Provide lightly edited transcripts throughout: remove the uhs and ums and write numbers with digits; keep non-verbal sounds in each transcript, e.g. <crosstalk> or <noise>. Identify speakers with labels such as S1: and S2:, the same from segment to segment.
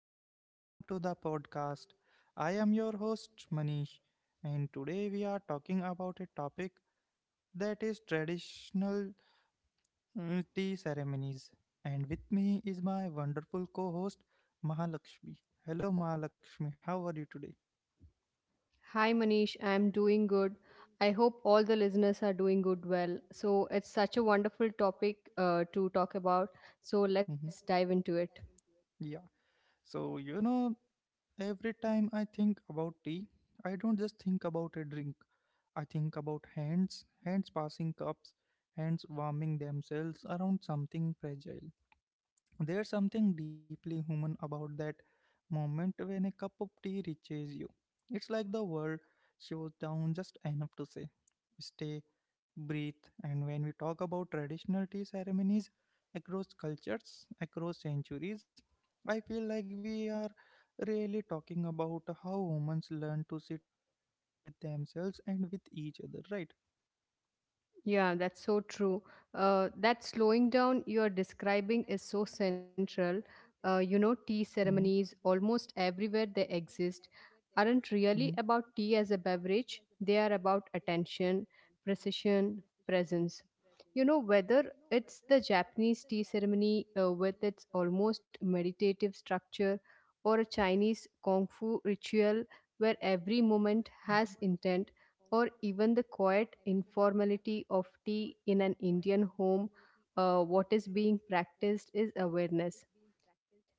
S1: and welcome to the podcast. I am your host, Manish, and today we are talking about a topic that is traditional tea ceremonies. And with me is my wonderful co host, Mahalakshmi. Hello, Mahalakshmi, how are you today?
S2: Hi Manish, I'm doing good. I hope all the listeners are doing good well. So, it's such a wonderful topic to talk about. So, let's
S1: Mhm.
S2: dive into it.
S1: Yeah. So, you know, every time I think about tea, I don't just think about a drink. I think about hands passing cups, hands warming themselves around something fragile. There's something deeply human about that moment when a cup of tea reaches you. It's like the world shows down just enough to say stay, breathe. And when we talk about traditional tea ceremonies across cultures, across centuries, I feel like we are really talking about how humans learn to sit with themselves and with each other, right?
S2: Yeah, that's so true. That slowing down you're describing is so central. Tea
S1: Mm-hmm.
S2: ceremonies almost everywhere they exist aren't really
S1: Mm-hmm.
S2: about tea as a beverage, they are about attention, precision, presence. You know, whether it's the Japanese tea ceremony with its almost meditative structure or a Chinese Kung Fu ritual where every moment has intent or even the quiet informality of tea in an Indian home, what is being practiced is awareness.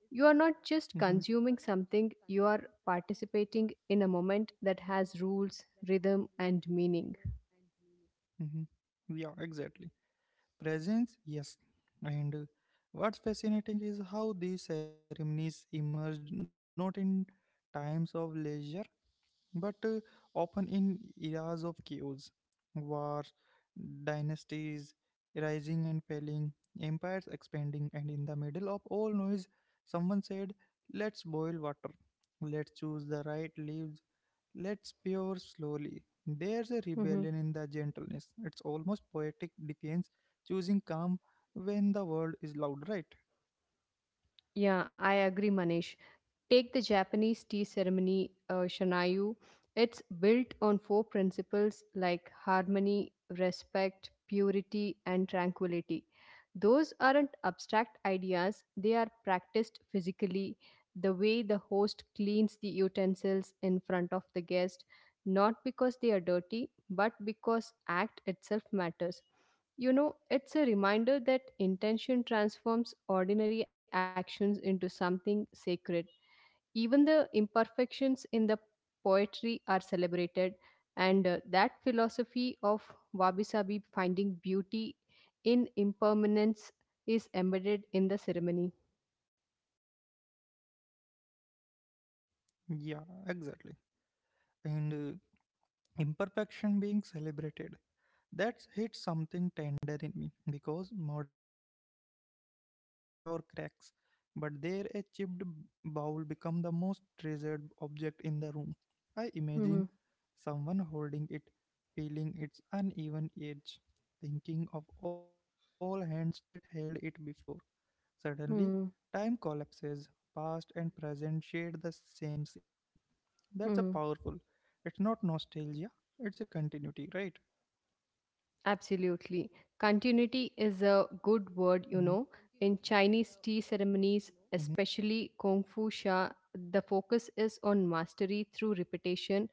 S2: You are not just consuming something, you are participating in a moment that has rules, rhythm, and meaning.
S1: Mm-hmm. Yeah, exactly. Presence, yes. And what's fascinating is how these ceremonies emerged not in times of leisure but often in eras of chaos, war, dynasties rising and falling, empires expanding, and in the middle of all noise, someone said, let's boil water, let's choose the right leaves, let's pour slowly. There's a rebellion in the
S2: Mhm.
S1: gentleness, it's almost poetic defiance, choosing calm when the world is loud, right?
S2: Yeah, I agree, Manish. Take the Japanese tea ceremony, Shanayu. It's built on four principles like harmony, respect, purity, and tranquility. Those aren't abstract ideas, they are practiced physically. The way the host cleans the utensils in front of the guest, not because they are dirty, but because act itself matters. You know, it's a reminder that intention transforms ordinary actions into something sacred. Even the imperfections in the poetry are celebrated, and that philosophy of Wabi Sabi finding beauty in impermanence is embedded in the ceremony.
S1: Yeah, exactly. And imperfection being celebrated. That hits something tender in me because modern life trains us to hide our cracks, but there a chipped bowl become the most treasured object in the room. I imagine
S2: Hmm.
S1: someone holding it, feeling its uneven edge, thinking of all hands that held it before. Suddenly, time
S2: Hmm.
S1: collapses, past and present share the same sip. That's a powerful. It's
S2: Hmm.
S1: not nostalgia, it's a continuity, right?
S2: Absolutely. Continuity is a
S1: Mm-hmm.
S2: good word, you know. In Chinese tea ceremonies, especially Kung Fu Sha, the focus is on mastery through repetition.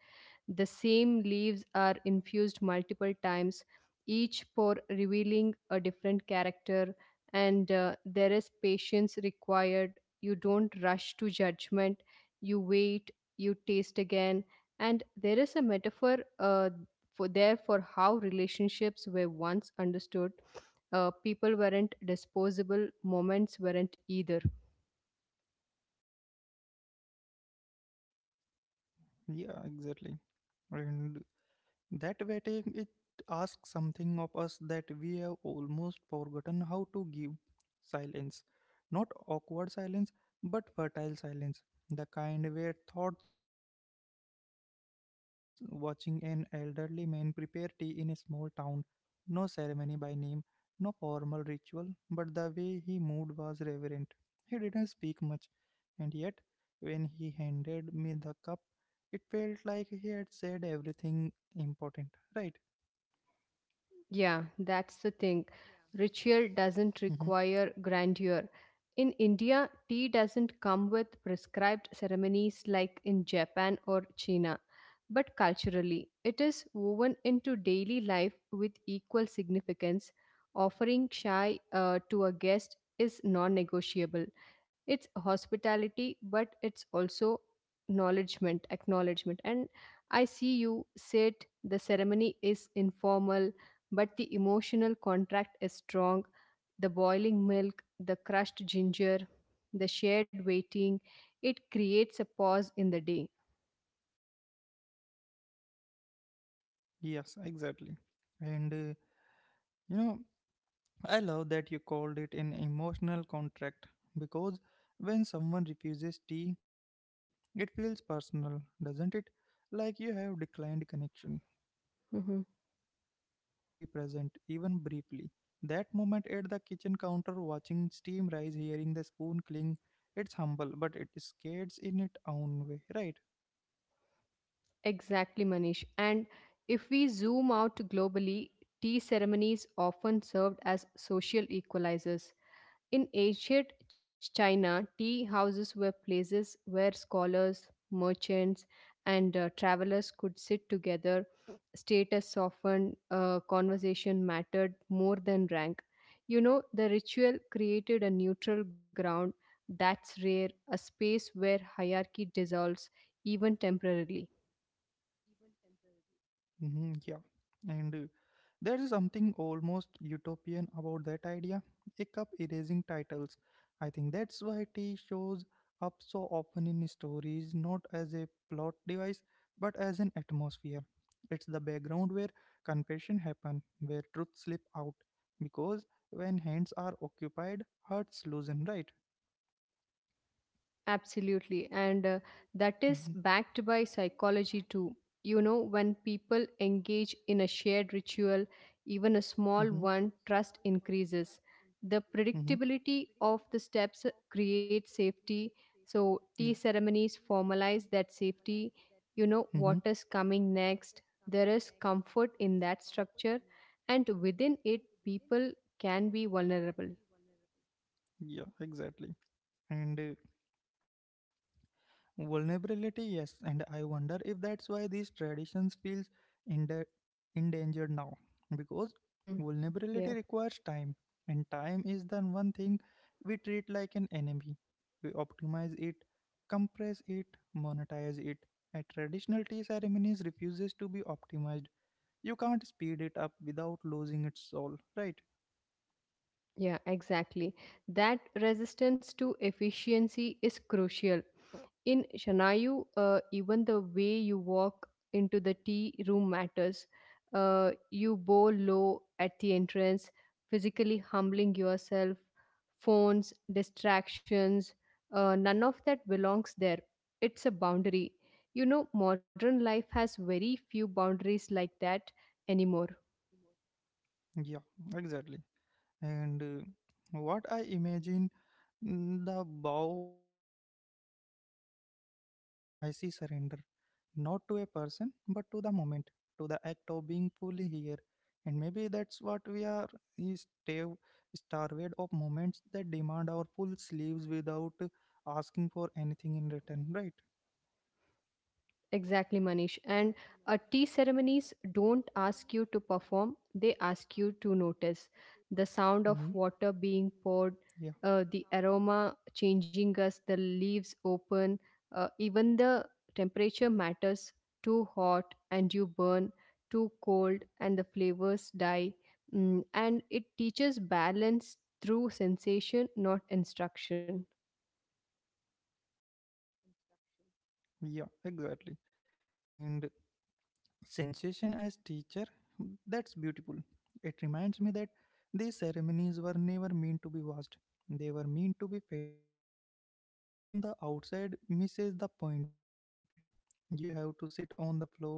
S2: The same leaves are infused multiple times, each pour revealing a different character, and there is patience required. You don't rush to judgment, you wait, you taste again, and there is a metaphor for how relationships were once understood. People weren't disposable, moments weren't either.
S1: Yeah, exactly. And that waiting, it asks something of us that we have almost forgotten how to give silence. Not awkward silence, but fertile silence, the kind where thoughts settle. I remember once watching an elderly man prepare tea in a small town. No ceremony by name, no formal ritual, but the way he moved was reverent. He didn't speak much, and yet, when he handed me the cup, it felt like he had said everything important, right?
S2: Yeah, that's the thing. Ritual doesn't
S1: hmm
S2: require grandeur. In India, tea doesn't come with prescribed ceremonies like in Japan or China, but culturally, it is woven into daily life with equal significance. Offering chai to a guest is non negotiable. It's hospitality, but it's also acknowledgement. And I see you said the ceremony is informal but the emotional contract is strong. The boiling milk, the crushed ginger, the shared waiting, it creates a pause in the day.
S1: yes, exactly. and you know I love that you called it an emotional contract because when someone refuses tea, it feels personal, doesn't it? Like you have declined connection, and when you
S2: Hmm.
S1: accept, you are agreeing to be present, even briefly. That moment at the kitchen counter, watching steam rise, hearing the spoon cling, it's humble but it scares in its own way, right?
S2: Exactly, Manish. And if we zoom out globally, tea ceremonies often served as social equalizers. In ancient China, tea houses were places where scholars, merchants, and travelers could sit together. Status softened, conversation mattered more than rank. You know, the ritual created a neutral ground that's rare, a space where hierarchy dissolves, even temporarily.
S1: Yeah, and there is something almost utopian about that idea, a cup erasing titles. I think that's why tea shows up so often in stories, not as a plot device, but as an atmosphere. It's the background where confession happen, where truth slip out, because when hands are occupied, hearts loosen, right?
S2: Absolutely. And that
S1: Hmm.
S2: is backed by psychology too. You know, when people engage in a shared ritual, even a
S1: And
S2: small
S1: hmm.
S2: one, trust increases. The
S1: Mm-hmm.
S2: predictability of the steps creates safety. So, tea
S1: Yeah.
S2: ceremonies formalize that safety. You know,
S1: Mm-hmm.
S2: what is coming next. There is comfort in that structure, and within it, people can be vulnerable.
S1: Yeah. Exactly. And Vulnerability, yes, and I wonder if that's why these traditions feels ende- endangered now, because
S2: Hmm.
S1: vulnerability
S2: Yeah.
S1: requires time and time is the one thing we treat like an enemy. We optimize it, compress it, monetize it. A traditional tea ceremonies refuses to be optimized. You can't speed it up without losing its soul, right?
S2: Yeah, exactly. That resistance to efficiency is crucial. In Shanayu, even the way you walk into the tea room matters. You bow low at the entrance, physically humbling yourself, phones, distractions, none of that belongs there. It's a boundary. You know, modern life has very few boundaries like that anymore.
S1: Yeah, exactly. And what I imagine. Mm, the bow, I don't see submission. I see surrender. Not to a person, but to the moment, to the act of being fully here. And maybe that's what we are is starved of moments that demand our full sleeves without asking for anything in return, right?
S2: Exactly, Manish. And tea ceremonies don't ask you to perform, they ask you to
S1: Hmm.
S2: notice the sound of
S1: Yeah.
S2: water being poured, the aroma changing us, the leaves open, even the temperature matters too hot and you burn, too cold and the flavors die. Mm, and it teaches balance through sensation, not instruction.
S1: Yeah, exactly. And sensation as teacher? That's beautiful. It reminds me that these ceremonies were never meant to be watched, they were meant to be felt. Observing from the outside misses the point. You have to sit on the floor,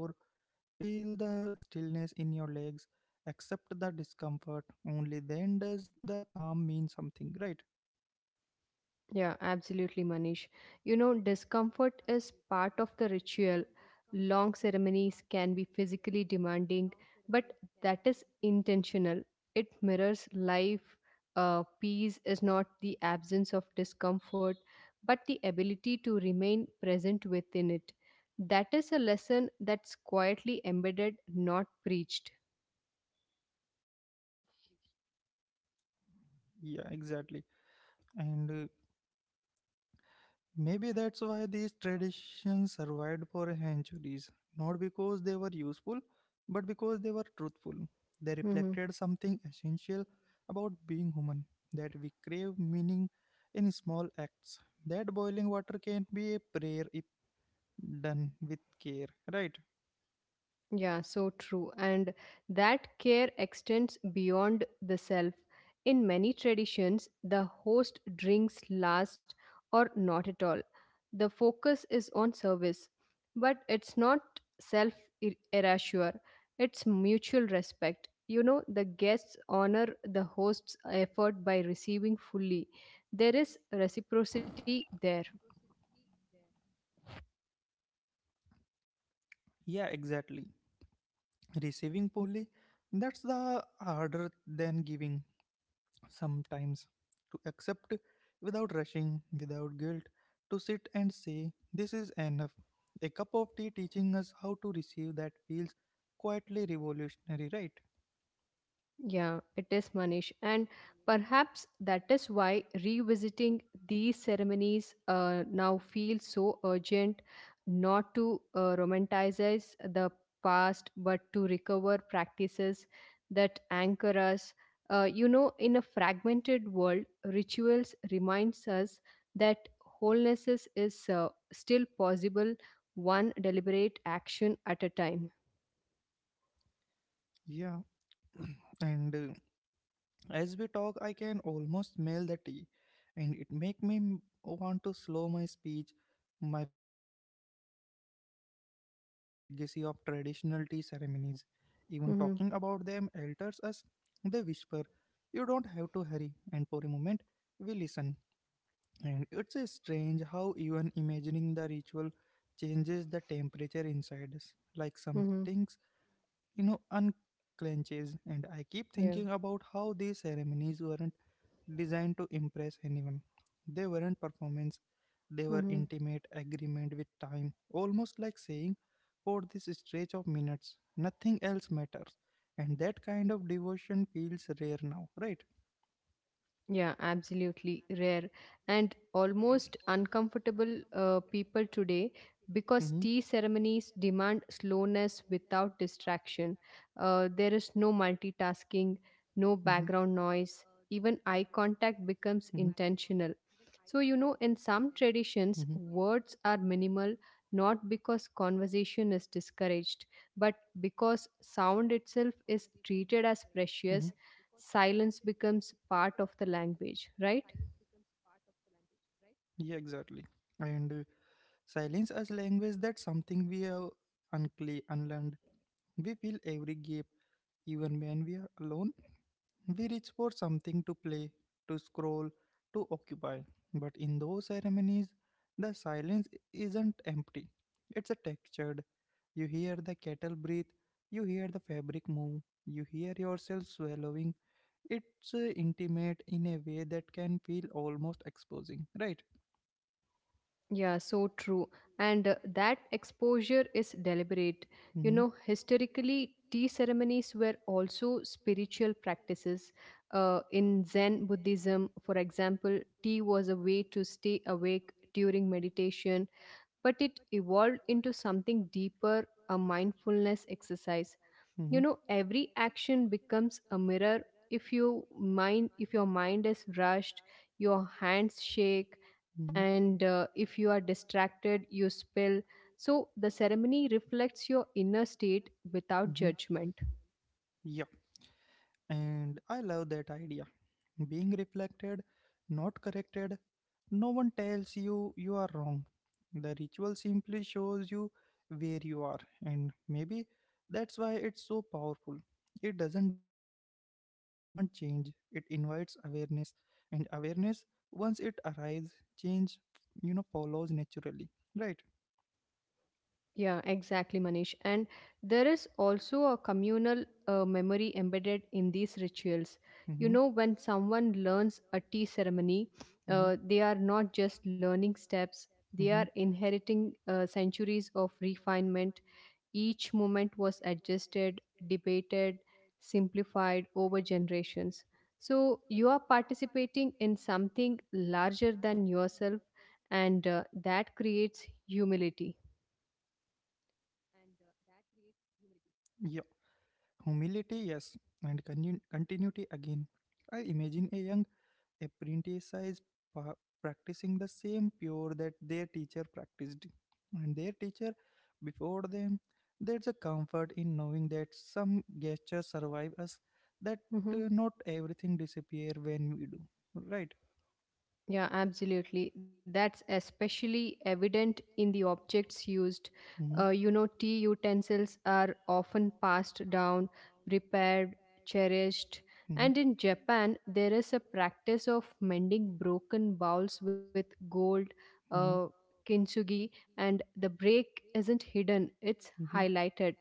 S1: feel the stillness in your legs, accept the discomfort. Only then does the calm mean something, right?
S2: Yeah, absolutely, Manish. You know, discomfort is part of the ritual. Long ceremonies can be physically demanding, but that is intentional. It mirrors life. Peace is not the absence of discomfort, but the ability to remain present within it. That is a lesson that's quietly embedded, not preached.
S1: Yeah, exactly. And maybe that's why these traditions survived for centuries, not because they were useful, but because they were truthful. They
S2: Mm-hmm.
S1: reflected something essential about being human, that we crave meaning in small acts. That boiling water can be a prayer if done with care, right?
S2: Yeah, so true. And that care extends beyond the self. In many traditions, the host drinks last or not at all. The focus is on service, but it's not self erasure, it's mutual respect. You know, the guests honor the host's effort by receiving fully. There is reciprocity there.
S1: Yeah, exactly. Receiving fully, that's the harder than giving. Sometimes to accept without rushing, without guilt, to sit and say, this is enough. A cup of tea teaching us how to receive, that feels quietly revolutionary, right?
S2: Yeah, it is Manish. And perhaps that is why revisiting these ceremonies now feels so urgent not to romanticize the past, but to recover practices that anchor us. You know, in a fragmented world, rituals reminds us that wholeness is still possible one deliberate action at a time.
S1: Yeah, <clears throat> and as we talk, I can almost smell the tea, and it make me want to slow my speech, my breathe. Maybe that's the real legacy of traditional tea ceremonies. Even talking about
S2: Hmm.
S1: them alters us. They whisper, "You don't have to hurry," and for a moment, we listen. And it's a strange how even imagining the ritual changes the temperature inside us, like some
S2: Hmm.
S1: things, unclenches. And I keep
S2: Yeah.
S1: thinking about how these ceremonies weren't designed to impress anyone. They weren't performance, they were
S2: Mm-hmm.
S1: intimate agreement with time, almost like saying, for this stretch of minutes, nothing else matters. And that kind of devotion feels rare now, right?
S2: Yeah, absolutely rare and almost uncomfortable people today because
S1: Mm-hmm,
S2: tea ceremonies demand slowness without distraction. There is no
S1: mm-hmm,
S2: multitasking, no background noise, even eye
S1: mm-hmm,
S2: contact becomes intentional. So, you know, in some
S1: mm-hmm,
S2: traditions, words are minimal not because conversation is discouraged, but because sound itself is treated as
S1: mm-hmm.
S2: precious silence becomes part of the language, right?
S1: Yeah, exactly. And silence as language, that's something we have unlearned. We fill every gap, even when we are alone. We reach for something to play, to scroll, to occupy. But in those ceremonies, the silence isn't empty. It's a textured. You hear the kettle breathe, you hear the fabric move, you hear yourself swallowing. It's intimate in a way that can feel almost exposing, right?
S2: Yeah, so true. And that exposure is deliberate. You know, historically, tea ceremonies were also spiritual practices. In Zen Buddhism, for example, tea was a way to stay awake during meditation, but it evolved into something deeper a mindfulness exercise.
S1: Mm-hmm,
S2: You
S1: mm-hmm,
S2: know every action becomes a mirror if you if your mind is rushed your hands shake
S1: mm-hmm,
S2: and if you are distracted you spill so the ceremony reflects your inner state without
S1: mm-hmm.
S2: judgment.
S1: Judgment. Yeah, and I love that idea. Being reflected, not corrected. No one tells you you are wrong. The ritual simply shows you where you are, and maybe that's why it's so powerful. It doesn't demand change, it invites awareness, and awareness, once it arrives, change, follows naturally, right?
S2: Yeah, exactly, Manish. And there is also a communal memory embedded in these rituals. You know, when someone learns a tea ceremony,
S1: Mm-hmm,
S2: they are not just learning steps, they are
S1: mm-hmm,
S2: inheriting centuries of refinement. Each moment was adjusted, debated, simplified over generations. So you are participating in something larger than yourself,
S1: mm-hmm, mm-hmm.
S2: and that creates humility.
S1: Yeah. Humility, yes, and continuity again. I imagine a young apprentice pa- practicing the same pure that their teacher practiced, and their teacher before them. There's a comfort in knowing that some gestures survive us, that
S2: Mhm.
S1: not everything disappear when we do. Right?
S2: Yeah, absolutely. That's especially evident in the objects used.
S1: Hmm.
S2: You know, tea utensils are often passed down, repaired, cherished.
S1: Hmm.
S2: And in Japan, there is a practice of mending broken bowls with gold, uh,
S1: Hmm.
S2: kintsugi, and the break isn't hidden, it's
S1: Hmm it's
S2: highlighted.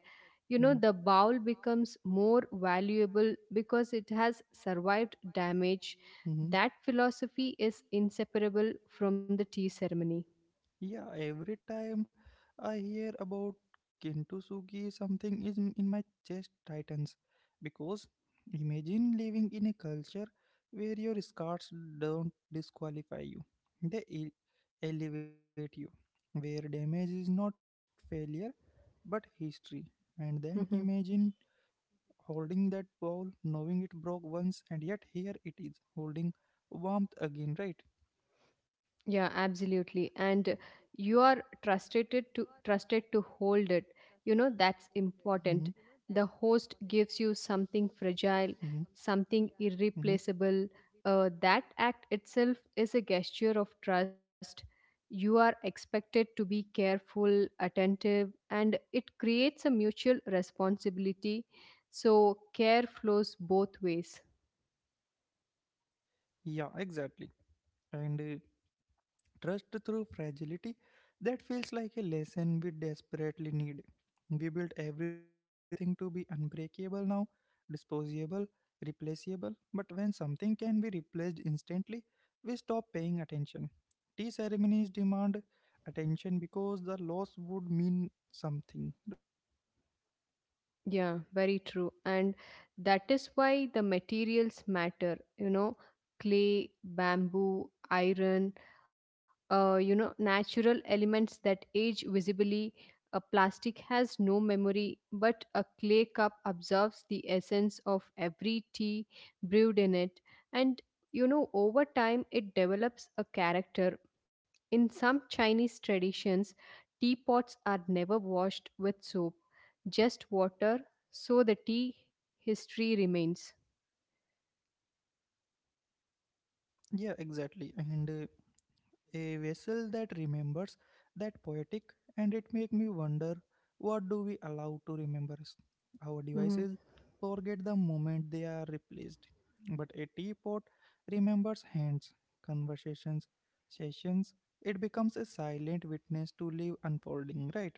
S2: You know,
S1: hmm,
S2: the
S1: damaged.
S2: bowl becomes more valuable because it has survived damage
S1: Mm-hmm.
S2: that philosophy is inseparable from the tea ceremony.
S1: Yeah, every time I hear about Kintsugi, something is in my chest tightens. Because imagine living in a culture where your scars don't disqualify you, they elevate you, where damage is not failure but history. And then
S2: Hmm.
S1: imagine holding that ball, knowing it broke once, and yet here it is, holding warmth again, right?
S2: Yeah, absolutely. And you are trusted to hold it. You know that's
S1: Hmm.
S2: important. The host gives you something
S1: Hmm.
S2: fragile, something
S1: Hmm.
S2: irreplaceable. That act itself is a gesture of trust. You are expected to be careful, attentive, and it creates a mutual responsibility. So care flows both ways.
S1: Yeah, exactly. and trust through fragility, that feels like a lesson we desperately need. We built everything to be unbreakable now, disposable, replaceable, but when something can be replaced instantly, we stop paying attention. Tea ceremonies demand attention because the loss would mean something, right?
S2: Yeah, very true. And that is why the materials matter, you know, clay, bamboo, iron, you know natural elements that age visibly a plastic has no memory but a clay cup absorbs the essence of every tea brewed in it and you know over time it develops a character in some chinese traditions teapots are never washed with soap just water so the tea history remains.
S1: Yeah, exactly. and a vessel that remembers, that poetic, and it make me wonder, what do we allow to remember us? Our devices
S2: Mm-hmm.
S1: forget the moment they are replaced, but a teapot remembers hands, conversations, sessions. It becomes a silent witness to live unfolding, right?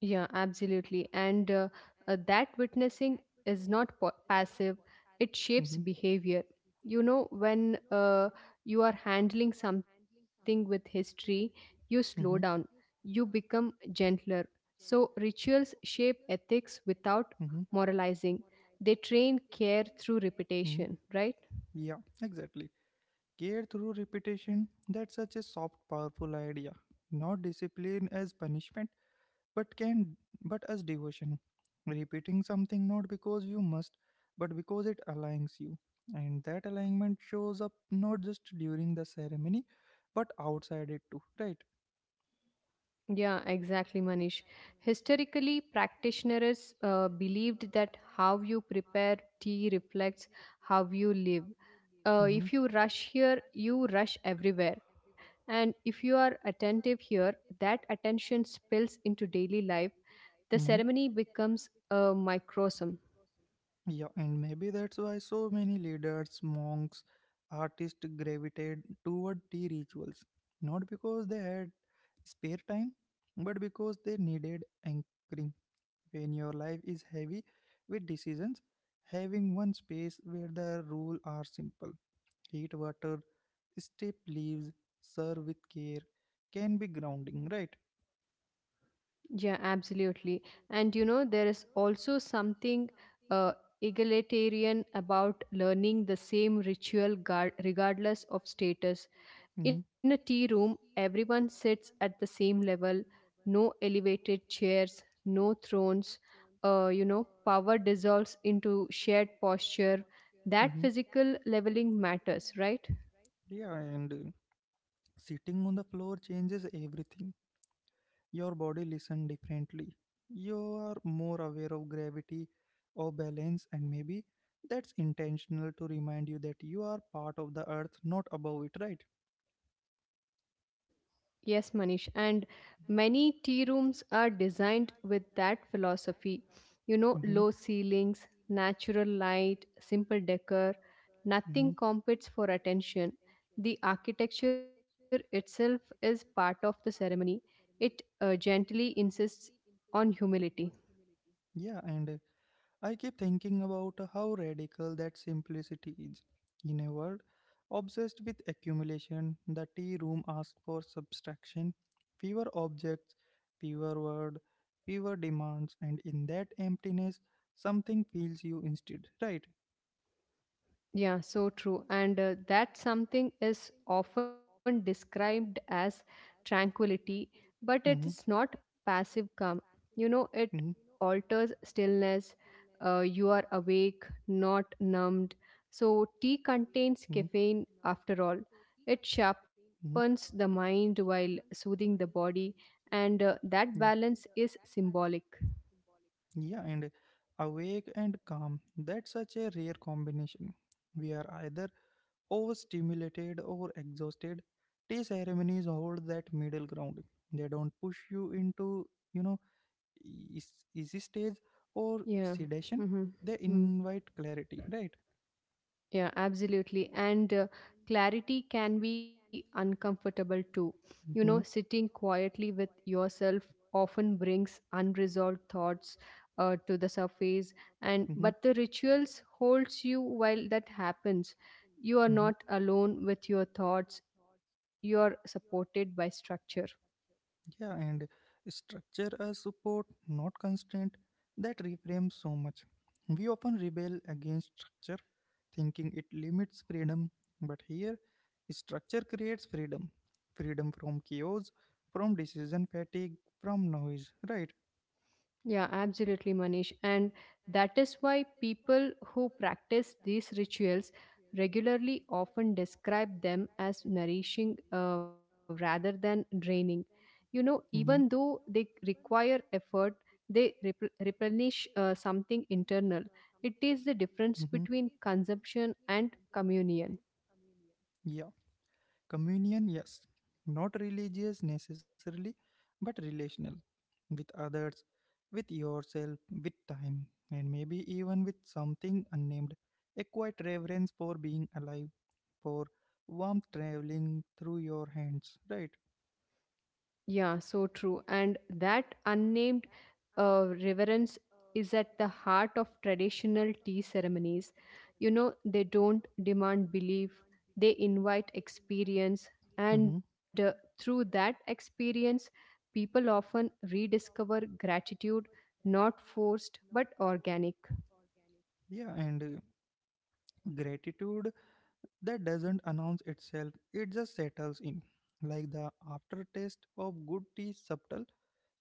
S2: Yeah, absolutely. And that witnessing is not passive, it shapes
S1: Mm-hmm,
S2: behavior. You know, when you are handling something with history, you slow down,
S1: hmm,
S2: you become gentler. So, rituals shape ethics without
S1: hmm,
S2: moralizing, they train care through
S1: hmm,
S2: repetition, right?
S1: yeah, exactly. Care through repetition, that's such a soft, powerful idea. Not discipline as punishment, but can but as devotion. Repeating something not because you must, but because it aligns you. And that alignment shows up not just during the ceremony, but outside it too, right?
S2: Yeah, exactly, Manish. Historically, practitioners believed that how you prepare tea reflects how you live.
S1: Mm-hmm.
S2: If you rush here, you rush everywhere. And if you are attentive here, that attention spills into daily life. The
S1: Mm-hmm.
S2: ceremony becomes a microcosm.
S1: Yeah, and maybe that's why so many leaders, monks, artists gravitated toward tea rituals. Not because they had spare time, but because they needed anchoring. When your life is heavy with decisions, having one space where the rules are simple, heat, water, step leaves, serve with care, can be grounding, right?
S2: Yeah, absolutely. And you know, there is also something uh, egalitarian about learning the same ritual regardless of status. In
S1: Mm-hmm.
S2: a tea room, everyone sits at the same level, no elevated chairs, no thrones. You know, power dissolves into shared posture. That physical leveling matters, right?
S1: Yeah, and sitting on the floor changes everything. Your body listens differently. You are more aware of gravity, of balance, and maybe that's intentional to remind you that you are part of the earth, not above it, right?
S2: Yes, Manish. And many tea rooms are designed with that philosophy. You know,
S1: And mm-hmm,
S2: low ceilings, natural light, simple decor,
S1: mm-hmm.
S2: nothing competes for attention. The architecture itself is part of the ceremony, it gently insists on humility.
S1: Yeah, and I keep thinking about how radical that simplicity is. In a world obsessed with accumulation, the tea room asked for subtraction, fewer objects, fewer words, fewer demands, and in that emptiness, something fills you instead. Right?
S2: Yeah, so true. And that something is often described as tranquility, but it is
S1: Hmm.
S2: not passive calm. You know, it
S1: Hmm.
S2: alters stillness. You are awake, not numbed. So,
S1: Hmm.
S2: tea contains caffeine after all. It
S1: Hmm.
S2: sharpens the mind while soothing the body, and that
S1: Yeah,
S2: balance is symbolic.
S1: yeah, and awake and calm. That's such a rare combination. We are either overstimulated or exhausted. Tea ceremonies hold that middle ground. They don't push you into, you know easy stage or
S2: Yeah.
S1: sedation.
S2: Mm-hmm.
S1: They
S2: Mm-hmm.
S1: invite clarity, right?
S2: Yeah, absolutely. And clarity can be uncomfortable too. You know,
S1: Mm-hmm,
S2: sitting quietly with yourself often brings unresolved thoughts to the surface and
S1: mm-hmm,
S2: but the rituals holds you while that happens. You are
S1: mm-hmm.
S2: not alone with your thoughts. You are supported by structure.
S1: Yeah, and structure as support, not constraint, that reframes so much. We often rebel against structure, thinking it limits freedom, but here, structure creates freedom, freedom from chaos, from decision fatigue, from noise, right?
S2: Yeah, absolutely, Manish. And that is why people who practice these rituals regularly often describe them as nourishing rather than draining. You know, even though they require effort, they replenish something internal. It is the
S1: Mm-hmm,
S2: difference
S1: mm-hmm.
S2: between consumption and communion.
S1: Yeah. Communion, yes. Not religious necessarily, but relational. With others, with yourself, with time, and maybe even with something unnamed. A quiet reverence for being alive, for warmth traveling through your hands, right?
S2: Yeah, so true. And that unnamed reverence is at the heart of traditional tea ceremonies. You know, they don't demand belief, they invite experience. And
S1: Hmm.
S2: through that experience, people often rediscover gratitude, not forced but organic.
S1: Yeah, and Gratitude that doesn't announce itself, it just settles in. Like the aftertaste of good tea, subtle,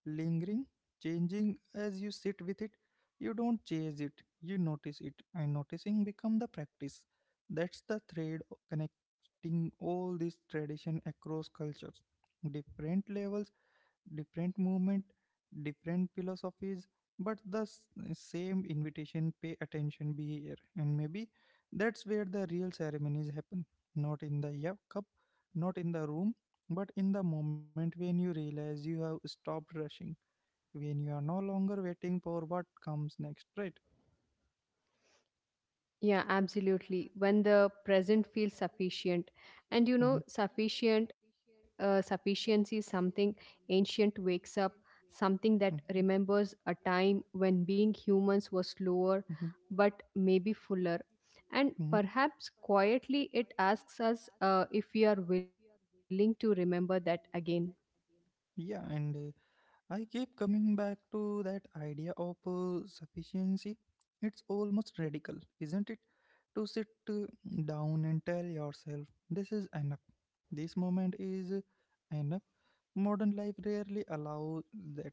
S1: lingering, changing as you sit with it. You don't chase it, you notice it, and noticing become the practice. That's the thread connecting all this tradition across cultures, different levels, different movement, different philosophies, but the same invitation. Pay attention, be here, and maybe that's where the real ceremonies happen. Not in the, yeah, cup, not in the room, but in the moment when you realize you have stopped rushing, when you are no longer waiting for what comes next, right?
S2: Yeah, absolutely. When the present feels sufficient,
S1: Mm-hmm.
S2: sufficiency is something ancient wakes up, something that
S1: Some.
S2: remembers a time when being humans was slower,
S1: Hmm.
S2: but maybe fuller. And
S1: Slower. Hmm.
S2: perhaps quietly it asks us if we are willing to remember that again.
S1: yeah and I keep coming back to that idea of sufficiency. It's almost radical, isn't it, to sit down and tell yourself, this is enough, this moment is enough. Modern life rarely allows that,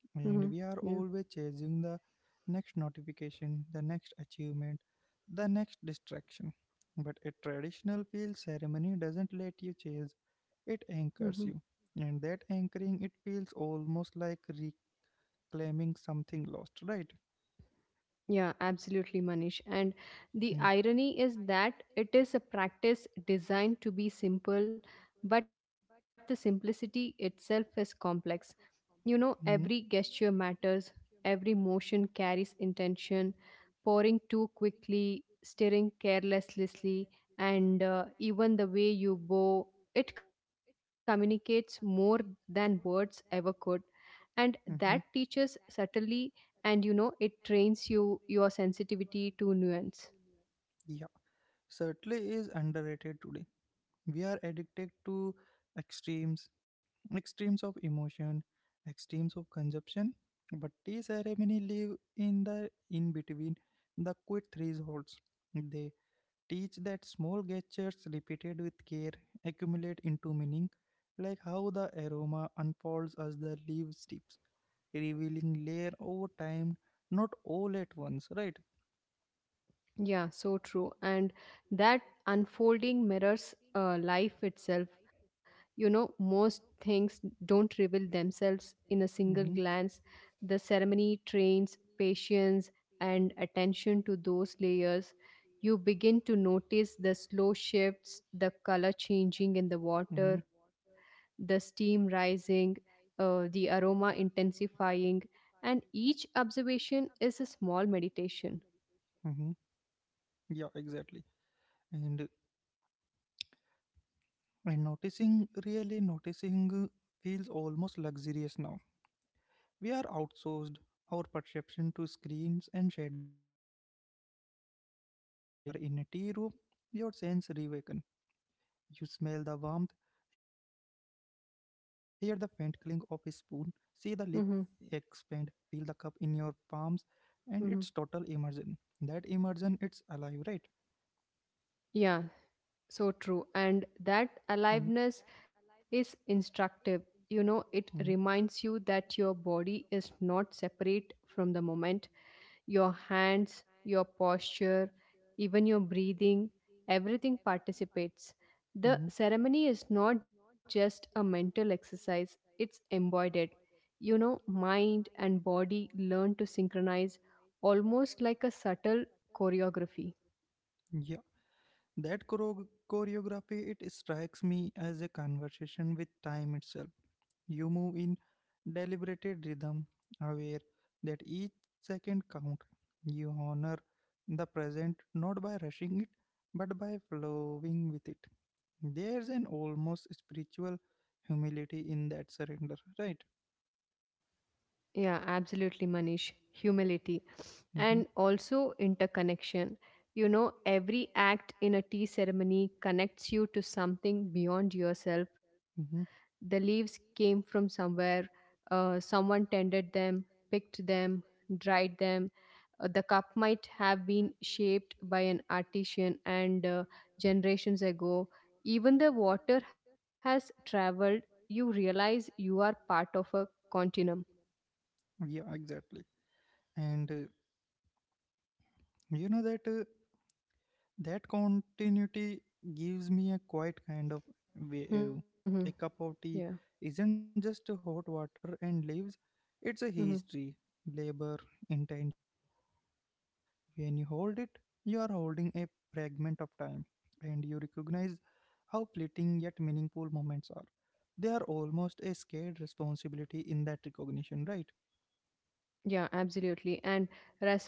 S1: and
S2: Hmm.
S1: we are
S2: Yeah.
S1: always chasing the next notification, the next achievement, the next distraction. But a traditional field ceremony doesn't let you chase, it
S2: Hmm.
S1: anchors you. And that anchoring, it feels almost like reclaiming something lost, right?
S2: Yeah, absolutely, Manish. And the
S1: Hmm.
S2: irony is that it is a practice designed to be simple, but the simplicity itself is complex. You know, every gesture matters, every motion carries intention, pouring too quickly, stirring carelessly, and even the way you bow, it communicates more than words ever could. And that
S1: Mm-hmm.
S2: teaches subtly, and you know, it trains you your sensitivity to nuance.
S1: Yeah, certainly is underrated today. We are addicted to extremes, extremes of emotion, extremes of consumption, but tea ceremony live in the in between, the quick thresholds. They teach that small gestures repeated with care accumulate into meaning, like how the aroma unfolds as the leaves tips, revealing layer over time, not all at once, right?
S2: Yeah, so true. And that unfolding mirrors life itself. You know, most things don't reveal themselves in a single
S1: Hmm.
S2: glance. The ceremony trains patience and attention to those layers. You begin to notice the slow shifts, the color changing in the
S1: Hmm.
S2: water, the steam rising, the aroma intensifying, and each observation is a small meditation.
S1: Hmm. Yeah, exactly. And and noticing, really noticing, feels almost luxurious now. We are outsourced our perception to screens and schedules, but when you are in a tea room, your sense reawakens. You smell the warmth, hear the faint clink of a spoon, see the lip expand, feel the
S2: Hmm.
S1: cup in your palms, and it's total immersion. That immersion, it's alive, right?
S2: Yeah, so true. And
S1: Mm.
S2: that aliveness is instructive. You know, it
S1: Mm.
S2: reminds you that your body is not separate from the moment. Your hands, your posture, even your breathing, everything participates.
S1: Separate.
S2: The
S1: Mhm.
S2: ceremony is not just a mental exercise, it's embodied. You know, mind and body learn to synchronize almost like a subtle choreography.
S1: Yeah, that choreography, it strikes me as a conversation with time itself. You move in deliberated rhythm, aware that each second count. You honor the present not by rushing it, but by flowing with it. There's an almost spiritual humility in that surrender, right?
S2: Yeah, absolutely, Manish. Humility
S1: Mm-hmm.
S2: and also interconnection. You know, every act in a tea ceremony connects you to something beyond yourself.
S1: Mm-hmm.
S2: The leaves came from somewhere, someone tended them, picked them, dried them. The cup might have been shaped by an artisan and generations ago. Even the water has traveled, you realize you are part of a continuum.
S1: Yeah, exactly. And you know that. Uh, That continuity gives me a quiet kind of wave. A cup
S2: <laughs> Yeah.
S1: of tea isn't just hot water and leaves, it's a history,
S2: Hmm.
S1: labor, intention. When you hold it, you are holding a fragment of time, and you recognize how fleeting yet meaningful moments are. They are almost a scared responsibility in that recognition, right?
S2: Yeah, absolutely. And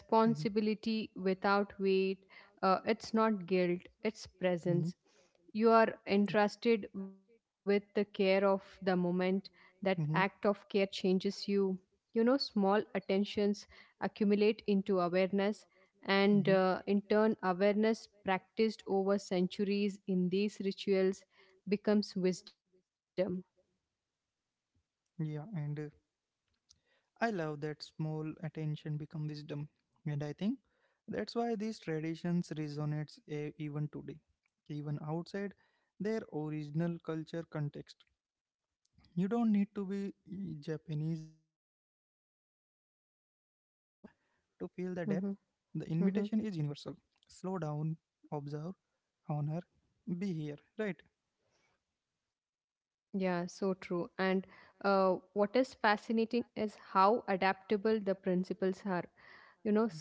S1: Mhm.
S2: without weight, it's not guilt, it's
S1: Mhm.
S2: presence. You are entrusted with the care of the moment. That act
S1: Mhm.
S2: of care changes you. You know, small attentions accumulate into awareness, and
S1: Hmm.
S2: in turn, awareness practiced over centuries in these rituals becomes wisdom.
S1: Yeah, and I love that small attention become wisdom, and I think that's why these traditions resonates even today, even outside their original culture context. You don't need to be, mm, Japanese or Chinese or Indian to feel the depth. The invitation
S2: Mhm,
S1: is universal.
S2: mhm.
S1: Slow down, observe, honor, be here. Right?
S2: Yeah, so true. And what is fascinating is how adaptable the principles are.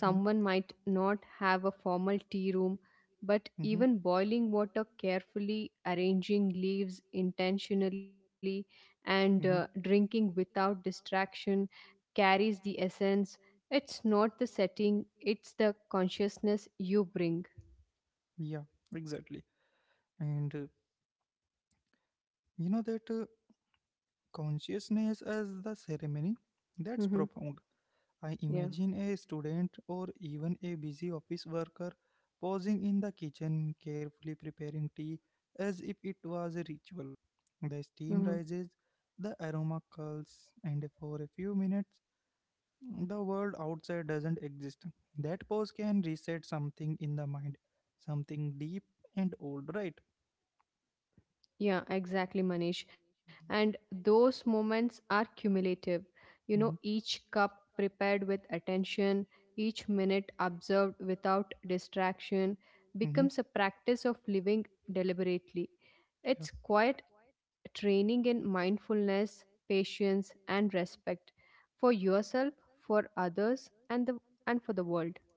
S2: You know, someone might not have a formal tea room,
S1: Hmm.
S2: but even boiling water carefully, arranging leaves intentionally, and
S1: Hmm.
S2: drinking without distraction carries the essence. It's not the setting, it's the consciousness you bring.
S1: Yeah, exactly. And You know that Consciousness as the ceremony? That's
S2: Hmm.
S1: profound. I
S2: Yeah.
S1: imagine a student or even a busy office worker pausing in the kitchen, carefully preparing tea as if it was a ritual. The steam
S2: Mhm.
S1: rises, the aroma curls, and for a few minutes, the world outside doesn't exist. That pause can reset something in the mind, something deep and old, right?
S2: Yeah, exactly, Manish. And those moments are cumulative. You
S1: Manish.
S2: know, each cup prepared with attention, each minute observed without distraction
S1: Mm-hmm.
S2: becomes a practice of living deliberately.
S1: Yeah.
S2: It's quite training in mindfulness, patience, and respect for yourself, for others, and the and for the world.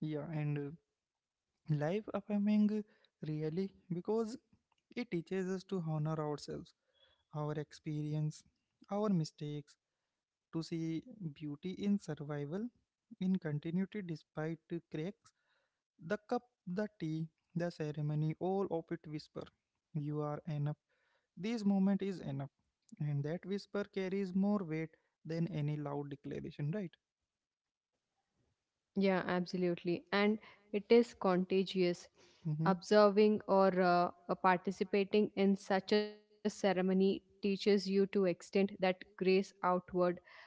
S1: yeah, and life affirming, really, because it teaches us to honor ourselves, our experience, our mistakes, to see beauty in survival, in continuity despite the cracks. The cup, the tea, the ceremony, all of it whisper, you are enough, this moment is enough, and that whisper carries more weight than any loud declaration, right?
S2: Yeah, absolutely. And it is contagious.
S1: Mm-hmm.
S2: Observing or participating in such a ceremony teaches you to extend that grace outward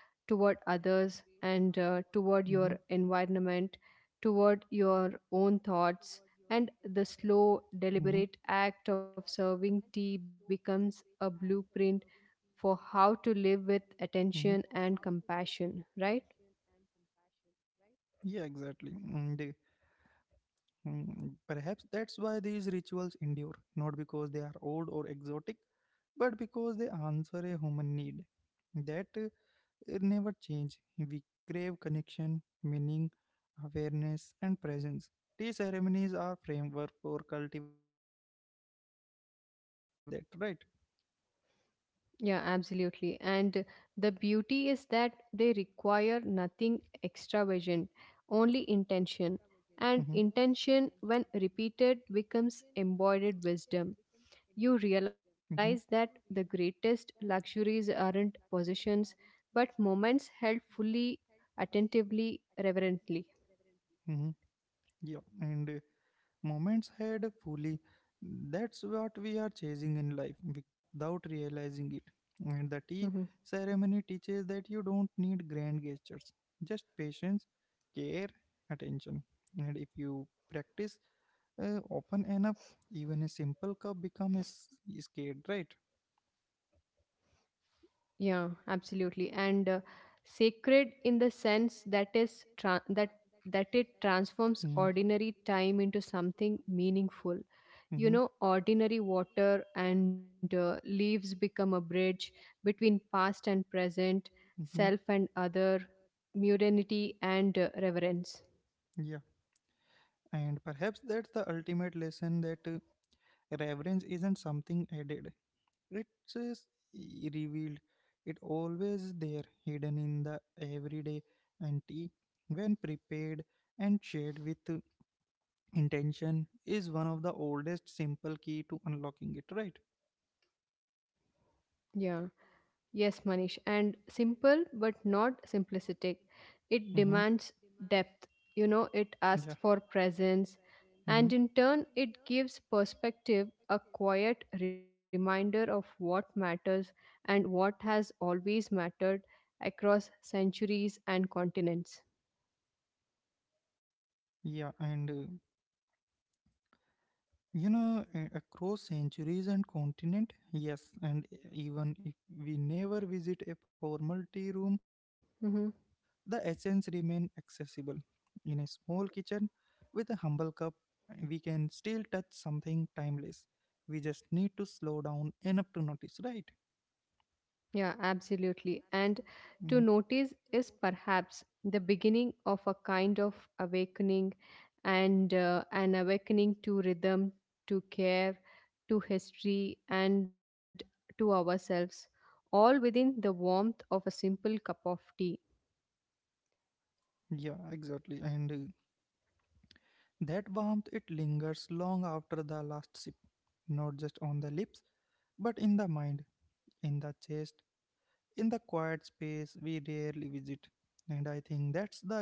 S2: toward
S1: Mm-hmm.
S2: others and toward your environment, toward your own thoughts.
S1: Mm-hmm.
S2: And the slow, deliberate act of serving tea becomes a blueprint for how to
S1: Mhm.
S2: live with attention and compassion, right?
S1: Yeah, exactly. And uh, Perhaps that's why these rituals endure, not because they are old or exotic, but because they answer a human need that it never change. We crave connection, meaning, awareness, and presence. Tea ceremonies are framework for cultivating exactly that, right?
S2: Yeah, absolutely. And the beauty is that they require nothing extravagant, only
S1: Mm-hmm.
S2: intention. And intention, when repeated, becomes embodied wisdom. You
S1: Mm-hmm.
S2: realize that the greatest luxuries aren't possessions, but moments held fully, attentively, reverently.
S1: Mm-hmm. Yeah, and moments had fully. That's what we are chasing in life without realizing it. And the
S2: <laughs>
S1: tea ceremony teaches that you don't need grand gestures, just patience, care, attention. And if you practice open enough, even a simple cup becomes scared, right?
S2: Yeah, absolutely. And sacred in the sense that that it transforms
S1: Mm.
S2: ordinary time into something meaningful. You
S1: Hmm.
S2: know, ordinary water and leaves become a bridge between past and present, self
S1: Hmm.
S2: and other, modernity and reverence.
S1: Yeah, and perhaps that's the ultimate lesson, that reverence isn't something added, riches revealed, it always there, hidden in the everyday. And tea, when prepared and shared with intention, is one of the oldest simple key to unlocking it. Right?
S2: Yeah. Yes, Manish, and simple but not simplistic. It
S1: Mm-hmm.
S2: demands depth, you know, it
S1: Yeah.
S2: asks for presence,
S1: Mm-hmm.
S2: and in turn, it gives perspective a quiet reminder of what matters and what has always mattered across centuries and continents.
S1: Yeah, and across centuries and continent, yes, and even if we never visit a formal tea room, the
S2: Mm-hmm.
S1: essence remain accessible. In a small kitchen with a humble cup, we can still touch something timeless. We just need to slow down enough to notice, right?
S2: Yeah, absolutely. And
S1: Mhm.
S2: to notice is perhaps the beginning of a kind of awakening and an awakening to rhythm, to care, to history, and to ourselves, all within the warmth of a simple cup of tea.
S1: Yeah, exactly. And that warmth, it lingers long after the last sip, not just on the lips, but in the mind, in the chest, in the quiet space we rarely visit. And I think that's the gift.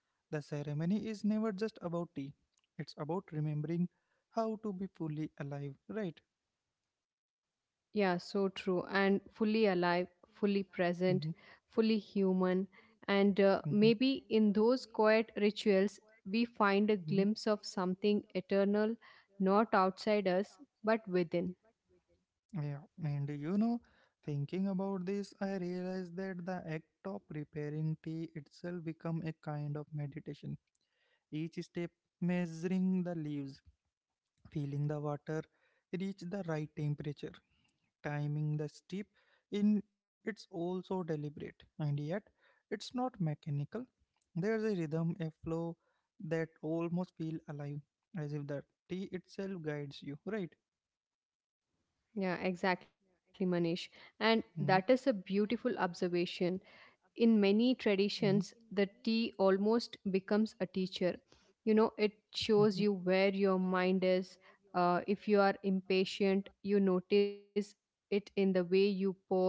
S1: The ceremony is never just about tea, it's about remembering how to be fully alive, right?
S2: Yeah, so true. And fully alive, fully present,
S1: Hmm.
S2: fully human. And
S1: Hmm.
S2: maybe in those quiet rituals, we find a
S1: Hmm.
S2: glimpse of something eternal, not outside us, but within.
S1: Yeah, and you know, thinking about this, I realized that the act of preparing tea itself become a kind of meditation. Each step, measuring the leaves, feeling the water reach the right temperature, timing the steep, in it's also deliberate, and yet it's not mechanical. There's a rhythm, a flow that almost feel alive, as if the tea itself guides you, right?
S2: Yeah, exactly, Manish. And that is a
S1: Mm-hmm.
S2: beautiful observation. In many
S1: Mm-hmm.
S2: traditions the tea almost becomes a teacher. You know, it shows you
S1: Mm-hmm.
S2: where your mind is. If you are impatient, you notice it in the way you pour.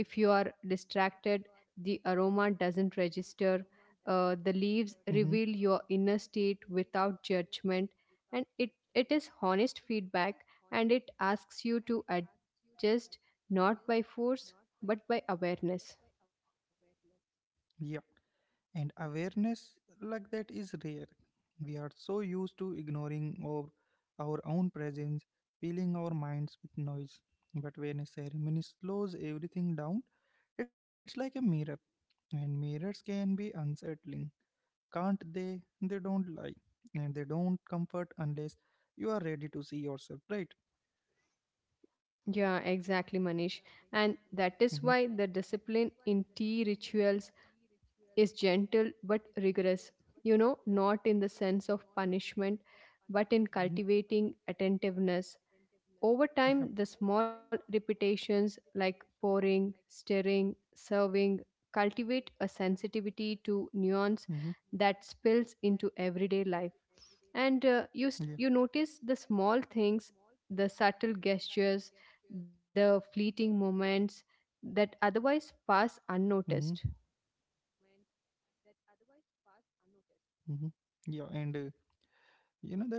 S2: If you are distracted, the aroma doesn't register. The leaves
S1: Mm-hmm.
S2: reveal your inner state without judgment, and it is honest feedback, and it asks you to adjust, not by force but by awareness.
S1: Yeah. And awareness like that is rare. We are so used to ignoring our own presence, filling our minds with noise, but when a ceremony slows everything down, it's like a mirror, and mirrors can be unsettling, can't they? They don't lie, and they don't comfort unless you are ready to see yourself, right?
S2: Yeah, exactly, Manish. And that is why
S1: Mhm.
S2: the discipline in tea rituals is gentle but rigorous. You know, not in the sense of punishment, but in
S1: Mhm.
S2: cultivating attentiveness. Over time, the
S1: Yeah,
S2: small repetitions like pouring, stirring, serving cultivate a sensitivity to nuance
S1: to.
S2: that spills into everyday life, and
S1: Yeah.
S2: you notice the small things, the subtle gestures, the fleeting moments that otherwise pass
S1: Mm-hmm.
S2: unnoticed.
S1: Mm-hmm. Yeah, and you know that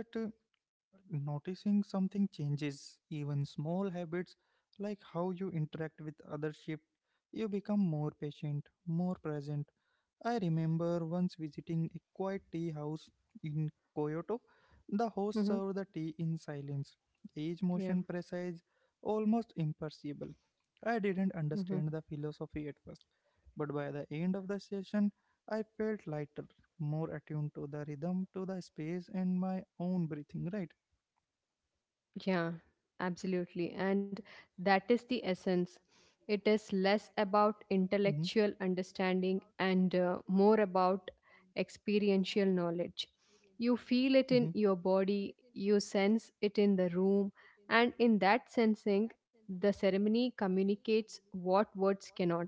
S1: noticing something changes, even small habits like how you interact with others shift. You become more patient, more present. I remember once visiting a quiet tea house in Kyoto. The host
S2: Hmm.
S1: served the tea in silence, each motion
S2: Yeah.
S1: precise, almost imperceptible. I didn't
S2: Mm-hmm.
S1: understand the philosophy at first, but by the end of the session, I felt lighter, more attuned to the rhythm, to the space, and my own breathing, right?
S2: Yeah, absolutely. And that is the essence. It is less
S1: Hmm.
S2: about intellectual understanding and more about experiential knowledge. You feel
S1: Hmm.
S2: it in your body, you sense it in the room, and in that sensing, the ceremony communicates what words cannot,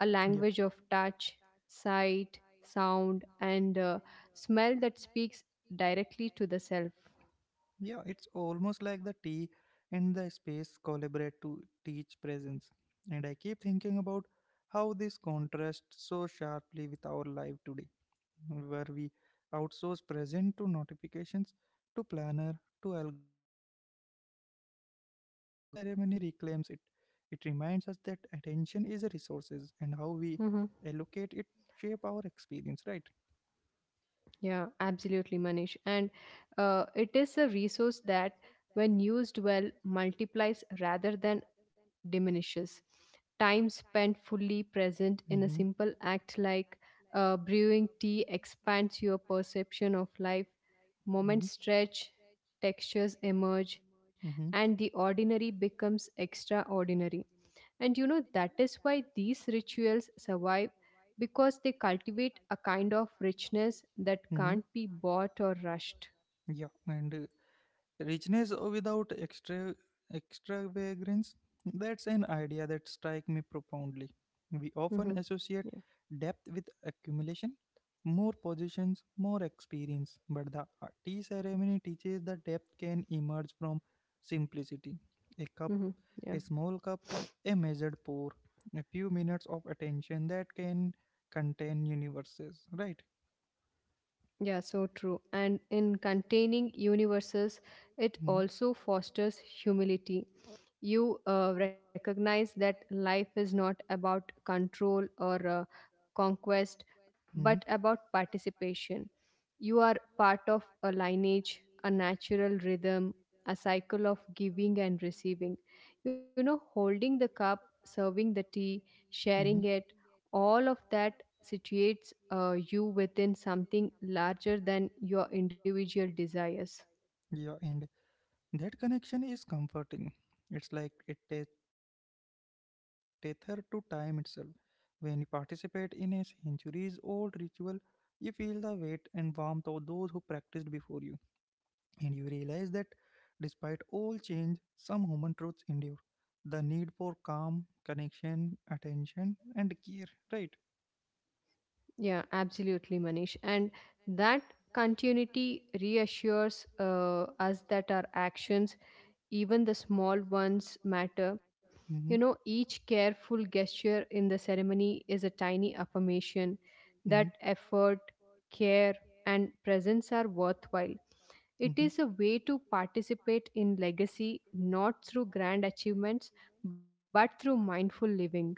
S2: a
S1: Yeah,
S2: language of touch, sight, sound, and smell that speaks directly to the self.
S1: yeah, it's almost like the tea and the space collaborate to teach presence. And I keep thinking about how this contrasts so sharply with our life today, where we outsource present to notifications, to planner, to algorithms. That is ceremony reclaims it. It reminds us that attention is a resources and how we allocate
S2: Mm-hmm.
S1: it shape our experience, right?
S2: Yeah, absolutely, Manish. And it is a resource that, when used well, multiplies rather than diminishes. Time spent fully present in a
S1: Mm-hmm.
S2: simple act like brewing tea expands your perception of life. Moments
S1: Mm-hmm.
S2: stretch, textures emerge,
S1: Mm-hmm.
S2: and the ordinary becomes extraordinary. And you know, that is why these rituals survive, because they cultivate a kind of richness that
S1: Mm-hmm.
S2: can't be bought or rushed.
S1: Yeah, and richness without extravagance, that's an idea that strikes me profoundly. We often
S2: Hmm.
S1: associate
S2: Yeah.
S1: depth with accumulation, more positions, more experience, but the tea ceremony teaches that depth can emerge from simplicity. A cup,
S2: Hmm.
S1: a
S2: Yeah.
S1: small cup, a measured pour, a few minutes of attention that can contain universes, right?
S2: Yeah, so true. And in containing universes, it
S1: Hmm.
S2: also fosters humility. You recognize that life is not about control or conquest,
S1: Hmm.
S2: but about participation. You are part of a lineage, a natural rhythm, a cycle of giving and receiving. You know, holding the cup, serving the tea, sharing
S1: Hmm.
S2: it, all of that situates you within something larger than your individual desires.
S1: Yeah and That connection is comforting. It's like a tether to time itself. When you participate in a centuries old ritual, you feel the weight and warmth of those who practiced before you, and you realize that despite all change, some human truths endure. The need for calm, connection, attention, and care, right?
S2: Yeah, absolutely, Manish. And that continuity reassures us that our actions, even the small ones, matter. You know,
S1: Mm-hmm.
S2: each careful gesture in the ceremony is a tiny affirmation that effort, care, and presence are worthwhile. It
S1: Mm-hmm.
S2: is a way to participate in legacy, not through grand achievements but through mindful living.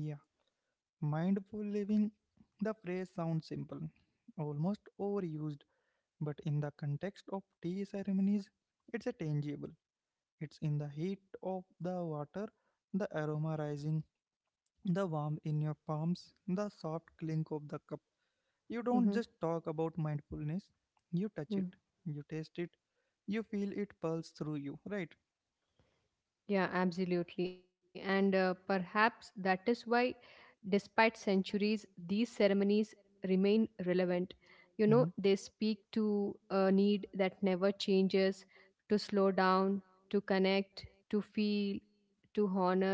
S1: Yeah. Mindful living, the phrase sounds simple, almost overused, but in the context of tea ceremonies, it's a tangible. It's in the heat of the water, the aroma rising, the warmth in your palms, the soft clink of the cup. You don't
S2: Mhm.
S1: just talk about mindfulness, you touch it, you taste it, you feel it pulse through you, right?
S2: Yeah, absolutely. And perhaps that is why, despite centuries, these ceremonies remain relevant. You know,
S1: Mm-hmm.
S2: they speak to a need that never changes, to slow down, to connect, to feel, to honor,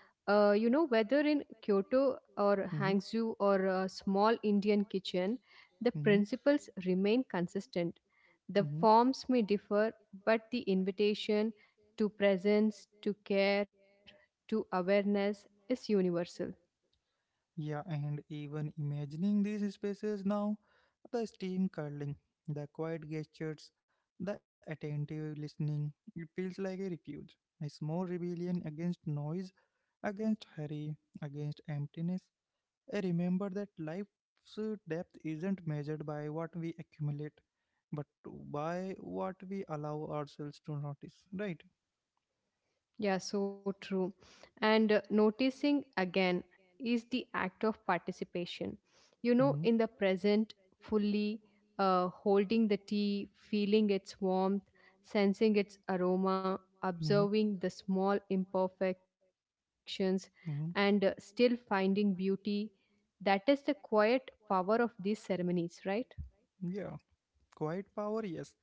S2: you know, whether in Kyoto or
S1: Mm-hmm. Mm-hmm.
S2: Hangzhou or a small Indian kitchen, the
S1: Mm-hmm.
S2: principles remain consistent. The forms may differ, but the invitation to presence, to care, to awareness is universal.
S1: Yeah, and even imagining these spaces now, the steam curling, the quiet gestures, the attentive listening, it feels like a refuge, a small rebellion against noise, against hurry, against emptiness. I remember that life's depth isn't measured by what we accumulate, but by what we allow ourselves to notice, right?
S2: Yeah, so true. And noticing again is the act of participation. You know,
S1: Mm-hmm.
S2: in the present, fully holding the tea, feeling its warmth, sensing its aroma,
S1: Hmm.
S2: observing the small imperfections, and still finding beauty. That is the quiet power of these ceremonies, right?
S1: Yeah, quiet power, yes.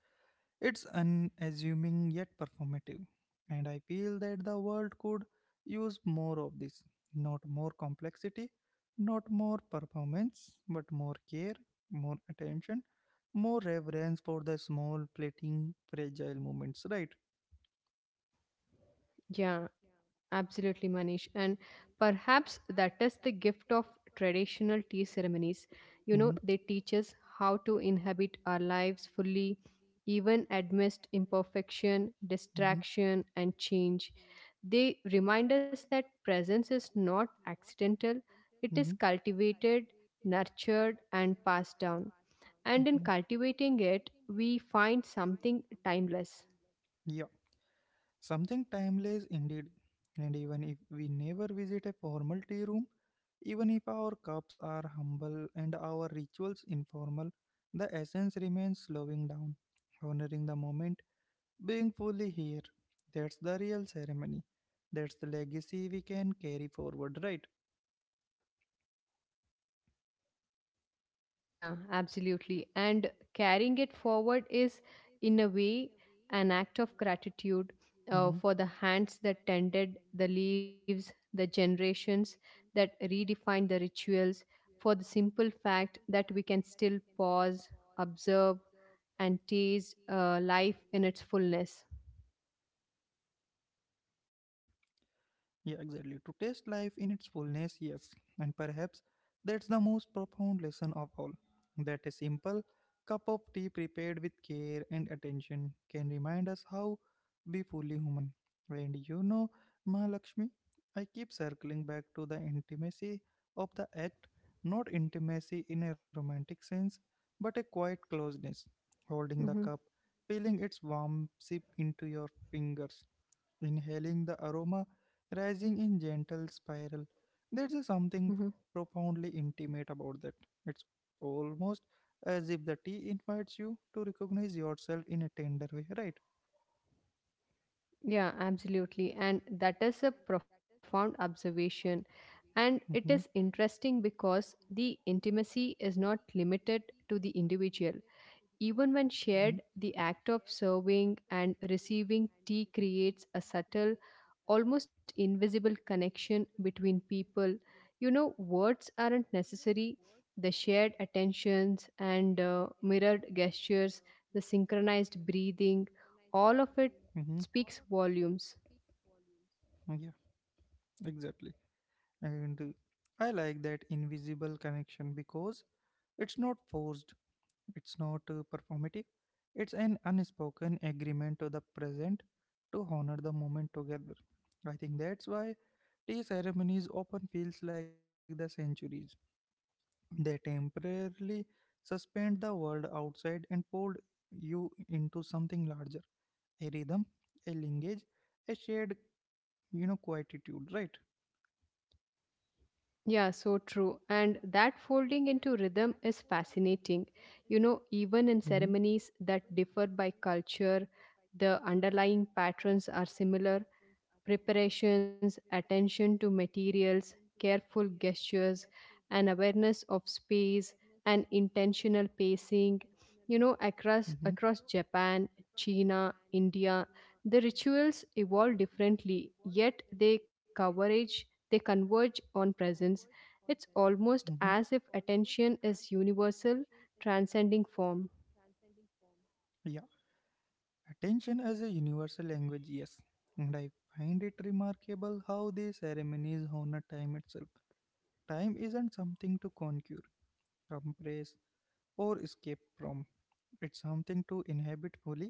S1: It's unassuming yet performative. And I feel that the world could use more of this. Not more complexity, not more performance, but more care, more attention, more reverence for the small, fleeting, fragile moments, right?
S2: Yeah, absolutely, Manish. And perhaps that is the gift of traditional tea ceremonies. You know,
S1: Mhm.
S2: they teach us how to inhabit our lives fully, even amidst imperfection,
S1: Mhm.
S2: distraction, and change. They remind us that presence is not accidental, it is
S1: Mhm.
S2: cultivated, nurtured, and passed down. And
S1: Mhm.
S2: in cultivating it, we find something timeless.
S1: Yeah, something timeless indeed. And even if we never visit a formal tea room, even if our cups are humble and our rituals informal, the essence remains, slowing down, honoring the moment, being fully here. That's the real ceremony. That's the legacy we can carry forward, right?
S2: Yeah, absolutely. And carrying it forward is, in a way, an act of gratitude
S1: Mm-hmm.
S2: for the hands that tended the leaves, the generations that redefined the rituals, for the simple fact that we can still pause, observe, and taste life in its fullness.
S1: Yeah. Yeah, exactly. To taste life in its fullness, yes. And perhaps that's the most profound lesson of all. That a simple cup of tea prepared with care and attention can remind us how be fully human. And you know, Mahalakshmi, I keep circling back to the intimacy of the act, not intimacy in a romantic sense, but a quiet closeness. Holding the cup,
S2: Mhm,
S1: feeling its warm sip into your fingers, inhaling the aroma rising in gentle spiral. There's a
S2: mhm.
S1: something profoundly intimate about that. It's almost as if the tea invites you to recognize yourself in a tender way, right?
S2: Yeah, absolutely. And that is a profound observation. And it is
S1: Mm-hmm,
S2: interesting because the intimacy is not limited to the individual. Even when
S1: mm-hmm,
S2: shared, the act of serving and receiving tea creates a subtle, almost invisible connection between people. You know, words aren't necessary. The shared attentions and mirrored gestures, the synchronized breathing, all of it
S1: mm-hmm.
S2: speaks volumes.
S1: Yeah, exactly. And I like that invisible connection because it's not forced, it's not performative, it's an unspoken agreement to the present to honor the moment together. I think that's why tea ceremonies often feels like the centuries. They temporarily suspend the world outside and fold you into something larger. A rhythm, a linkage, a shared, quietude, right?
S2: Yeah, so true. And that folding into rhythm is fascinating. You know, even in
S1: Hmm,
S2: ceremonies that differ by culture, the underlying patterns are similar. Preparations, attention to materials, careful gestures, and awareness of space and intentional pacing. You know, across Japan, China, India, the rituals evolve differently, yet they converge on presence. It's almost
S1: hmm,
S2: as if attention is universal, transcending form.
S1: hmm. Yeah. Attention as a universal language, yes. And I find it remarkable how the ceremonies honor time itself. Time isn't something to conquer, compress, or escape from. It's something to inhabit fully,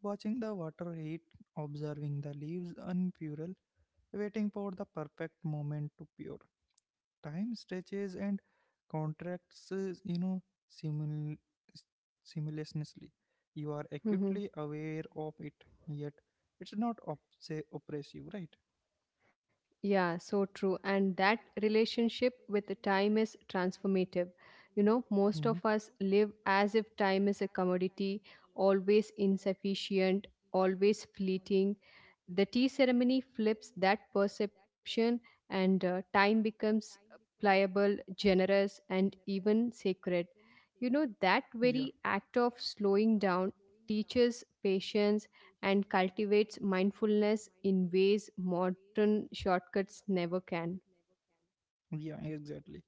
S1: watching the water heat, observing the leaves unfurl, waiting for the perfect moment to pure. Time stretches and contracts, simultaneously. You are acutely
S2: Mhm.
S1: aware of it, yet it's not oppressive, right?
S2: Yeah, so true. And that relationship with the time is transformative. You know, most
S1: Hmm.
S2: of us live as if time is a commodity, always insufficient, always fleeting. The tea ceremony flips that perception, and time becomes pliable, generous, and even sacred. You know, that
S1: Yeah,
S2: very act of slowing down teaches patience, and cultivates mindfulness in ways modern shortcuts never can.
S1: yeah, exactly.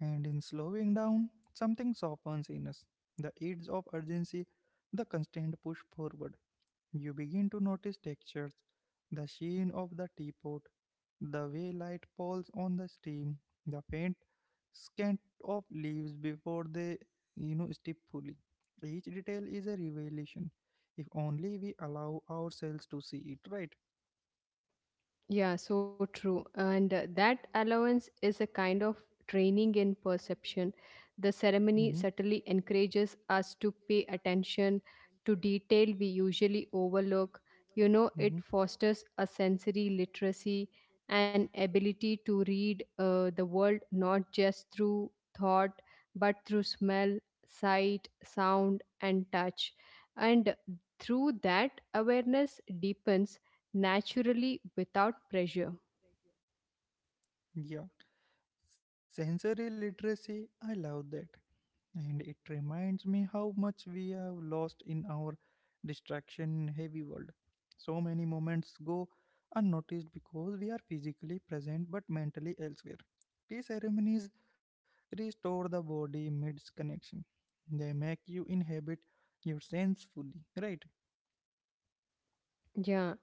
S1: And in slowing down, something softens in us, the aids of urgency, the constant push forward. You begin to notice textures, the sheen of the teapot, the way light falls on the steam, the faint scant of leaves before they, stiff fully. Each detail is a revelation, if only we allow ourselves to see it, right?
S2: Yeah, so true. And that allowance is a kind of training in perception. The
S1: Mm-hmm.
S2: ceremony certainly encourages us to pay attention to detail we usually overlook. You know, it
S1: Mm-hmm.
S2: fosters a sensory literacy and ability to read the world not just through thought but through smell, sight, sound, and touch. And through that, awareness deepens naturally without pressure.
S1: Yeah. Sensory literacy, I love that. And it reminds me how much we have lost in our distraction heavy world. So many moments go unnoticed because we are physically present but mentally elsewhere. Tea ceremonies restore the body mid connection, they make you inhabit your sense fully, right?
S2: Yeah,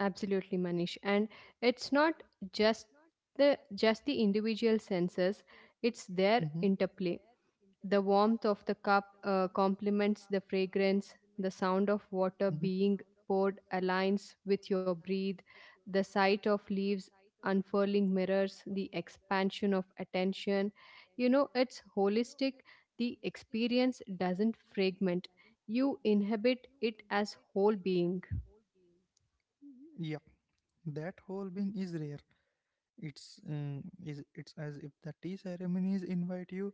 S2: absolutely, Manish. And it's not just just the individual senses; it's
S1: Hmm,
S2: their interplay. The warmth of the cup complements the fragrance. The sound of
S1: hmm.
S2: water being poured aligns with your breathe. The sight of leaves unfurling mirrors the expansion of attention. You know, it's holistic. The experience doesn't fragment, you inhabit it as whole being.
S1: Yeah, that whole being is rare. It's as if the tea ceremonies invite you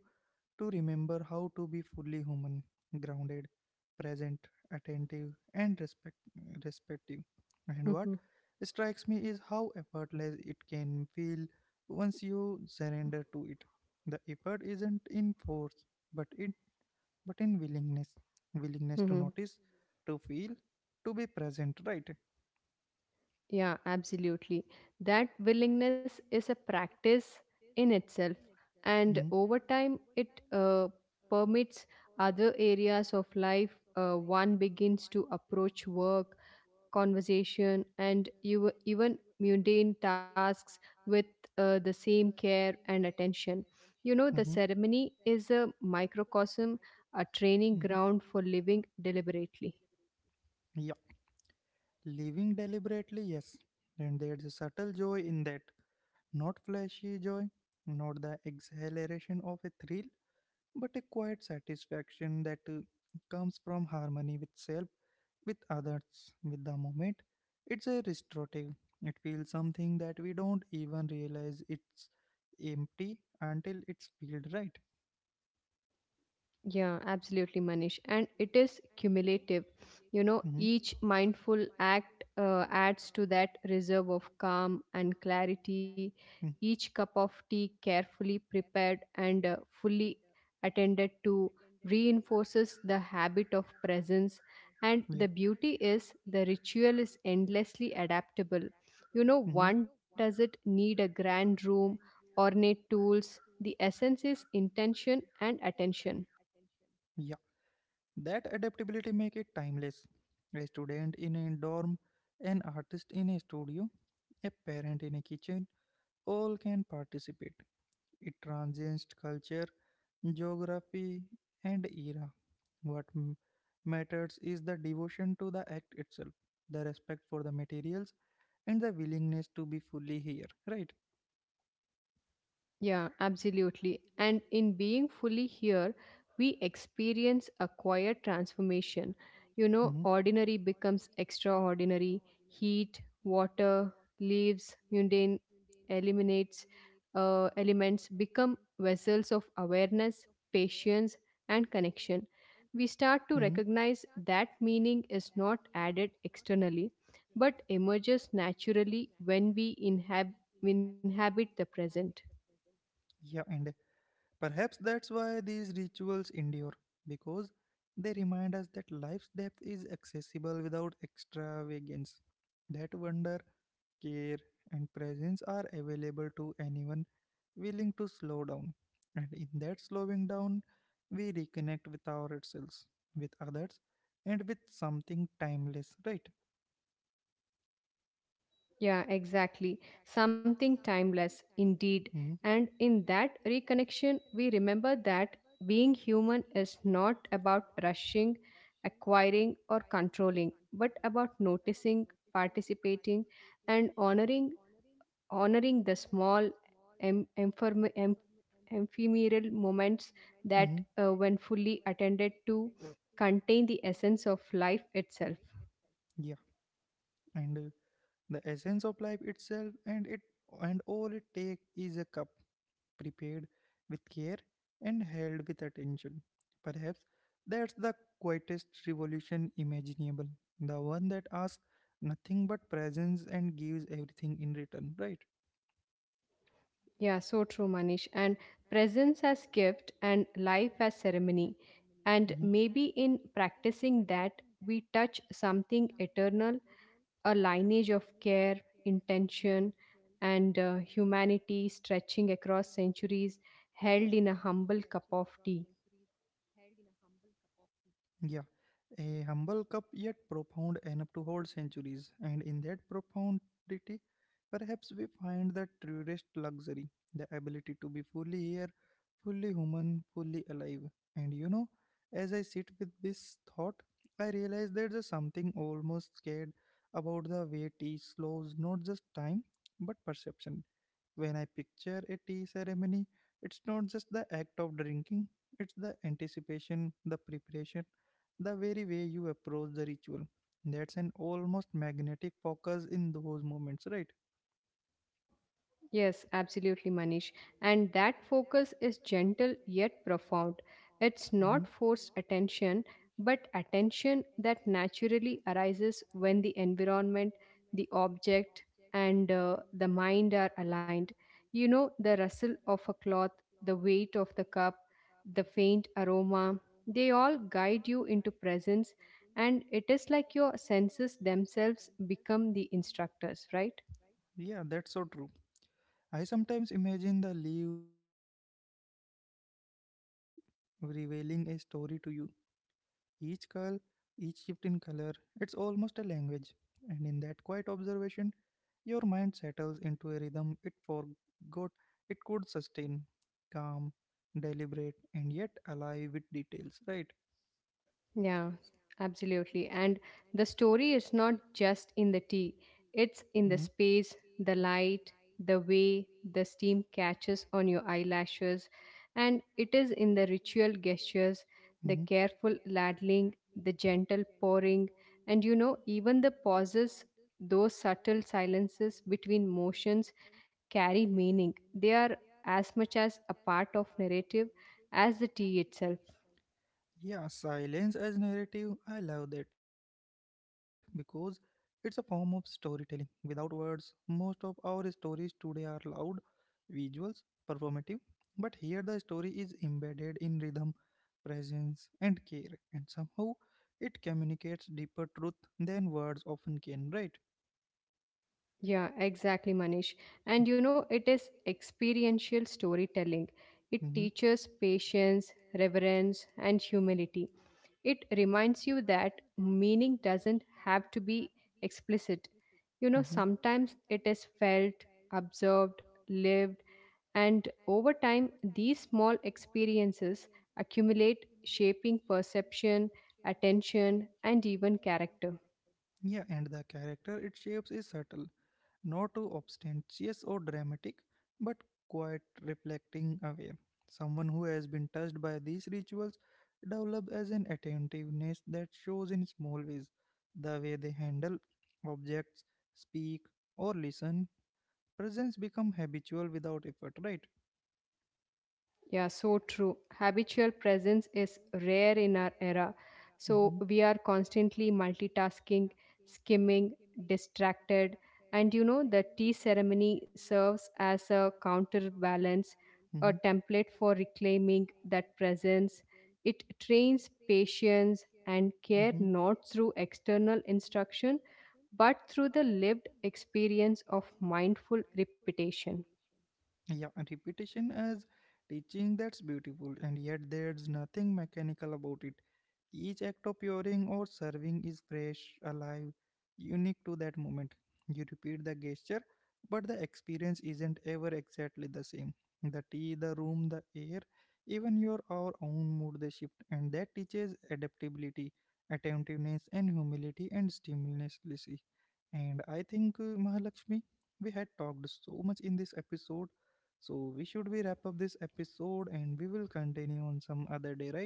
S1: to remember how to be fully human, grounded, present, attentive, and respective. And what strikes me is how effortless it can feel once you surrender to it. The effort isn't in force, but in willingness, willingness to
S2: <laughs>
S1: notice, to feel, to be present. Right?
S2: Yeah, absolutely. That willingness is a practice in itself, and
S1: Mm-hmm.
S2: over time, it permits other areas of life. One begins to approach work, conversation, and you, even mundane tasks with the same care and attention. You know, the ceremony is a microcosm, a training
S1: Mhm.
S2: ground for living deliberately.
S1: Yeah, living deliberately, yes. And there's a subtle joy in that. Not flashy joy, not the exhilaration of a thrill, but a quiet satisfaction that comes from harmony with self, with others, with the moment. It's a restorative. It feels something that we don't even realize it's empty until it's filled, right.
S2: Yeah, absolutely, Manish. And it is cumulative. You know,
S1: Mm-hmm.
S2: each mindful act adds to that reserve of calm and clarity.
S1: Mm,
S2: Each cup of tea, carefully prepared and fully attended to, reinforces the habit of presence. And
S1: yeah,
S2: the beauty is the ritual is endlessly adaptable. You know,
S1: hmm,
S2: one doesn't need a grand room, ornate tools. The essence is intention and attention.
S1: yeah. That adaptability make it timeless. A student in a dorm, an artist in a studio, a parent in a kitchen, all can participate. It transcends culture, geography, and era. What matters is the devotion to the act itself, the respect for the materials, and the willingness to be fully here. Right?
S2: Yeah, absolutely. And in being fully here, we experience a quiet transformation. You know, ordinary becomes extraordinary. Heat, water, leaves, mundane eliminates elements become vessels of awareness, patience, and connection. We start
S1: Mhm.
S2: to recognize that meaning is not added externally, but emerges naturally when inhabit the present.
S1: Yeah, and perhaps that's why these rituals endure, because they remind us that life's depth is accessible without extravagance. That wonder, care, and presence are available to anyone willing to slow down. And in that slowing down, we reconnect with ourselves, with others, and with something timeless, right?
S2: Yeah, exactly. Something timeless, indeed.
S1: Mm-hmm.
S2: And in that reconnection, we remember that being human is not about rushing, acquiring, or controlling, but about noticing, participating, and honoring the small em- emphem- em- ephemeral moments that, when fully attended to, contain the essence of life itself.
S1: Yeah, and the essence of life itself and it and all it takes, is a cup prepared with care and held with attention, perhaps that's the quietest revolution imaginable, the one that asks nothing but presence and gives everything in return, right.
S2: Yeah, so true, Manish. And presence as gift and life as ceremony. And
S1: Mhm.
S2: maybe in practicing that, we touch something eternal, a lineage of care, intention, and humanity stretching across centuries, held in a humble cup of tea.
S1: Yeah, a humble cup yet profound enough to hold centuries, and in that profundity perhaps we find the truest luxury, the ability to be fully here, fully human, fully alive. And you know, as I sit with this thought, I realize there's something almost scared about the way tea slows not just time but perception. When I picture a tea ceremony, it's not just the act of drinking, it's the anticipation, the preparation, the very way you approach the ritual. That's an almost magnetic focus in those moments, right?
S2: Yes, absolutely, Manish. And that focus is gentle yet profound. It's
S1: Mhm.
S2: not forced attention, but attention that naturally arises when the environment, the object, and the mind are aligned. You know, the rustle of a cloth, the weight of the cup, the faint aroma, they all guide you into presence, and it is like your senses themselves become the instructors, right?
S1: Yeah, that's so true. I sometimes imagine the leaf unfurling as if revealing a story to you. Each curl, each shift in color, it's almost a language. And in that quiet observation, your mind settles into a rhythm it forgot it could sustain. Calm, deliberate, and yet alive with details, right?
S2: Yeah, absolutely. And the story is not just in the tea, it's in the
S1: Hmm.
S2: space, the light, the way the steam catches on your eyelashes, and it is in the ritual gestures, the careful ladling, the gentle pouring, and you know, even the pauses, those subtle silences between motions carry meaning. They are as much as a part of narrative as the tea itself.
S1: Yeah, silence as narrative, I love that because it's a form of storytelling. Without words, most of our stories today are loud, visuals, performative, but here the story is embedded in rhythm, presence, and care, and somehow it communicates deeper truth than words often can, right?
S2: Yeah, exactly, Manish. And you know, it is experiential storytelling. It
S1: Mhm,
S2: teaches patience, reverence, and humility. It reminds you that meaning doesn't have to be explicit. You know,
S1: mhm.
S2: sometimes it is felt, observed, lived, and over time, these small experiences accumulate, shaping perception, attention, and even character.
S1: Yeah, and the character it shapes is subtle, not too obstentious or dramatic, but quite reflecting aware. Someone who has been touched by these rituals develops as an attentiveness that shows in small ways, the way they handle objects, speak, or listen. Presence become habitual without effort, right?
S2: Yeah, so true. Habitual presence is rare in our era.
S1: Hmm,
S2: So we are constantly multitasking, skimming, distracted. And you know, the tea ceremony serves as a counterbalance, a
S1: hmm,
S2: template for reclaiming that presence. It trains patience and care
S1: hmm.
S2: not through external instruction, but through the lived experience of mindful repetition.
S1: Yeah, and repetition as teaching, that's beautiful, and yet there's nothing mechanical about it. Each act of pouring or serving is fresh, alive, unique to that moment. You repeat the gesture, but the experience isn't ever exactly the same. The tea, the room, the air, even your our own mood, they shift, and that teaches adaptability, attentiveness, and humility and stimulusly. And I think Mahalakshmi, we had talked so much in this episode, so we wrap up this episode and we will continue on some other day, right?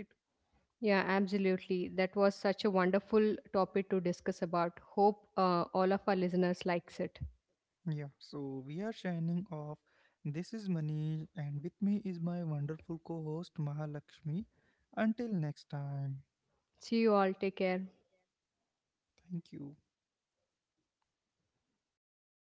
S2: Yeah, absolutely. That was such a wonderful topic to discuss about. Hope all of our listeners likes it.
S1: Yeah. So we are signing off. This is Manish, and with me is my wonderful co-host Mahalakshmi. Until next time.
S2: See you all. Take care.
S1: Thank you.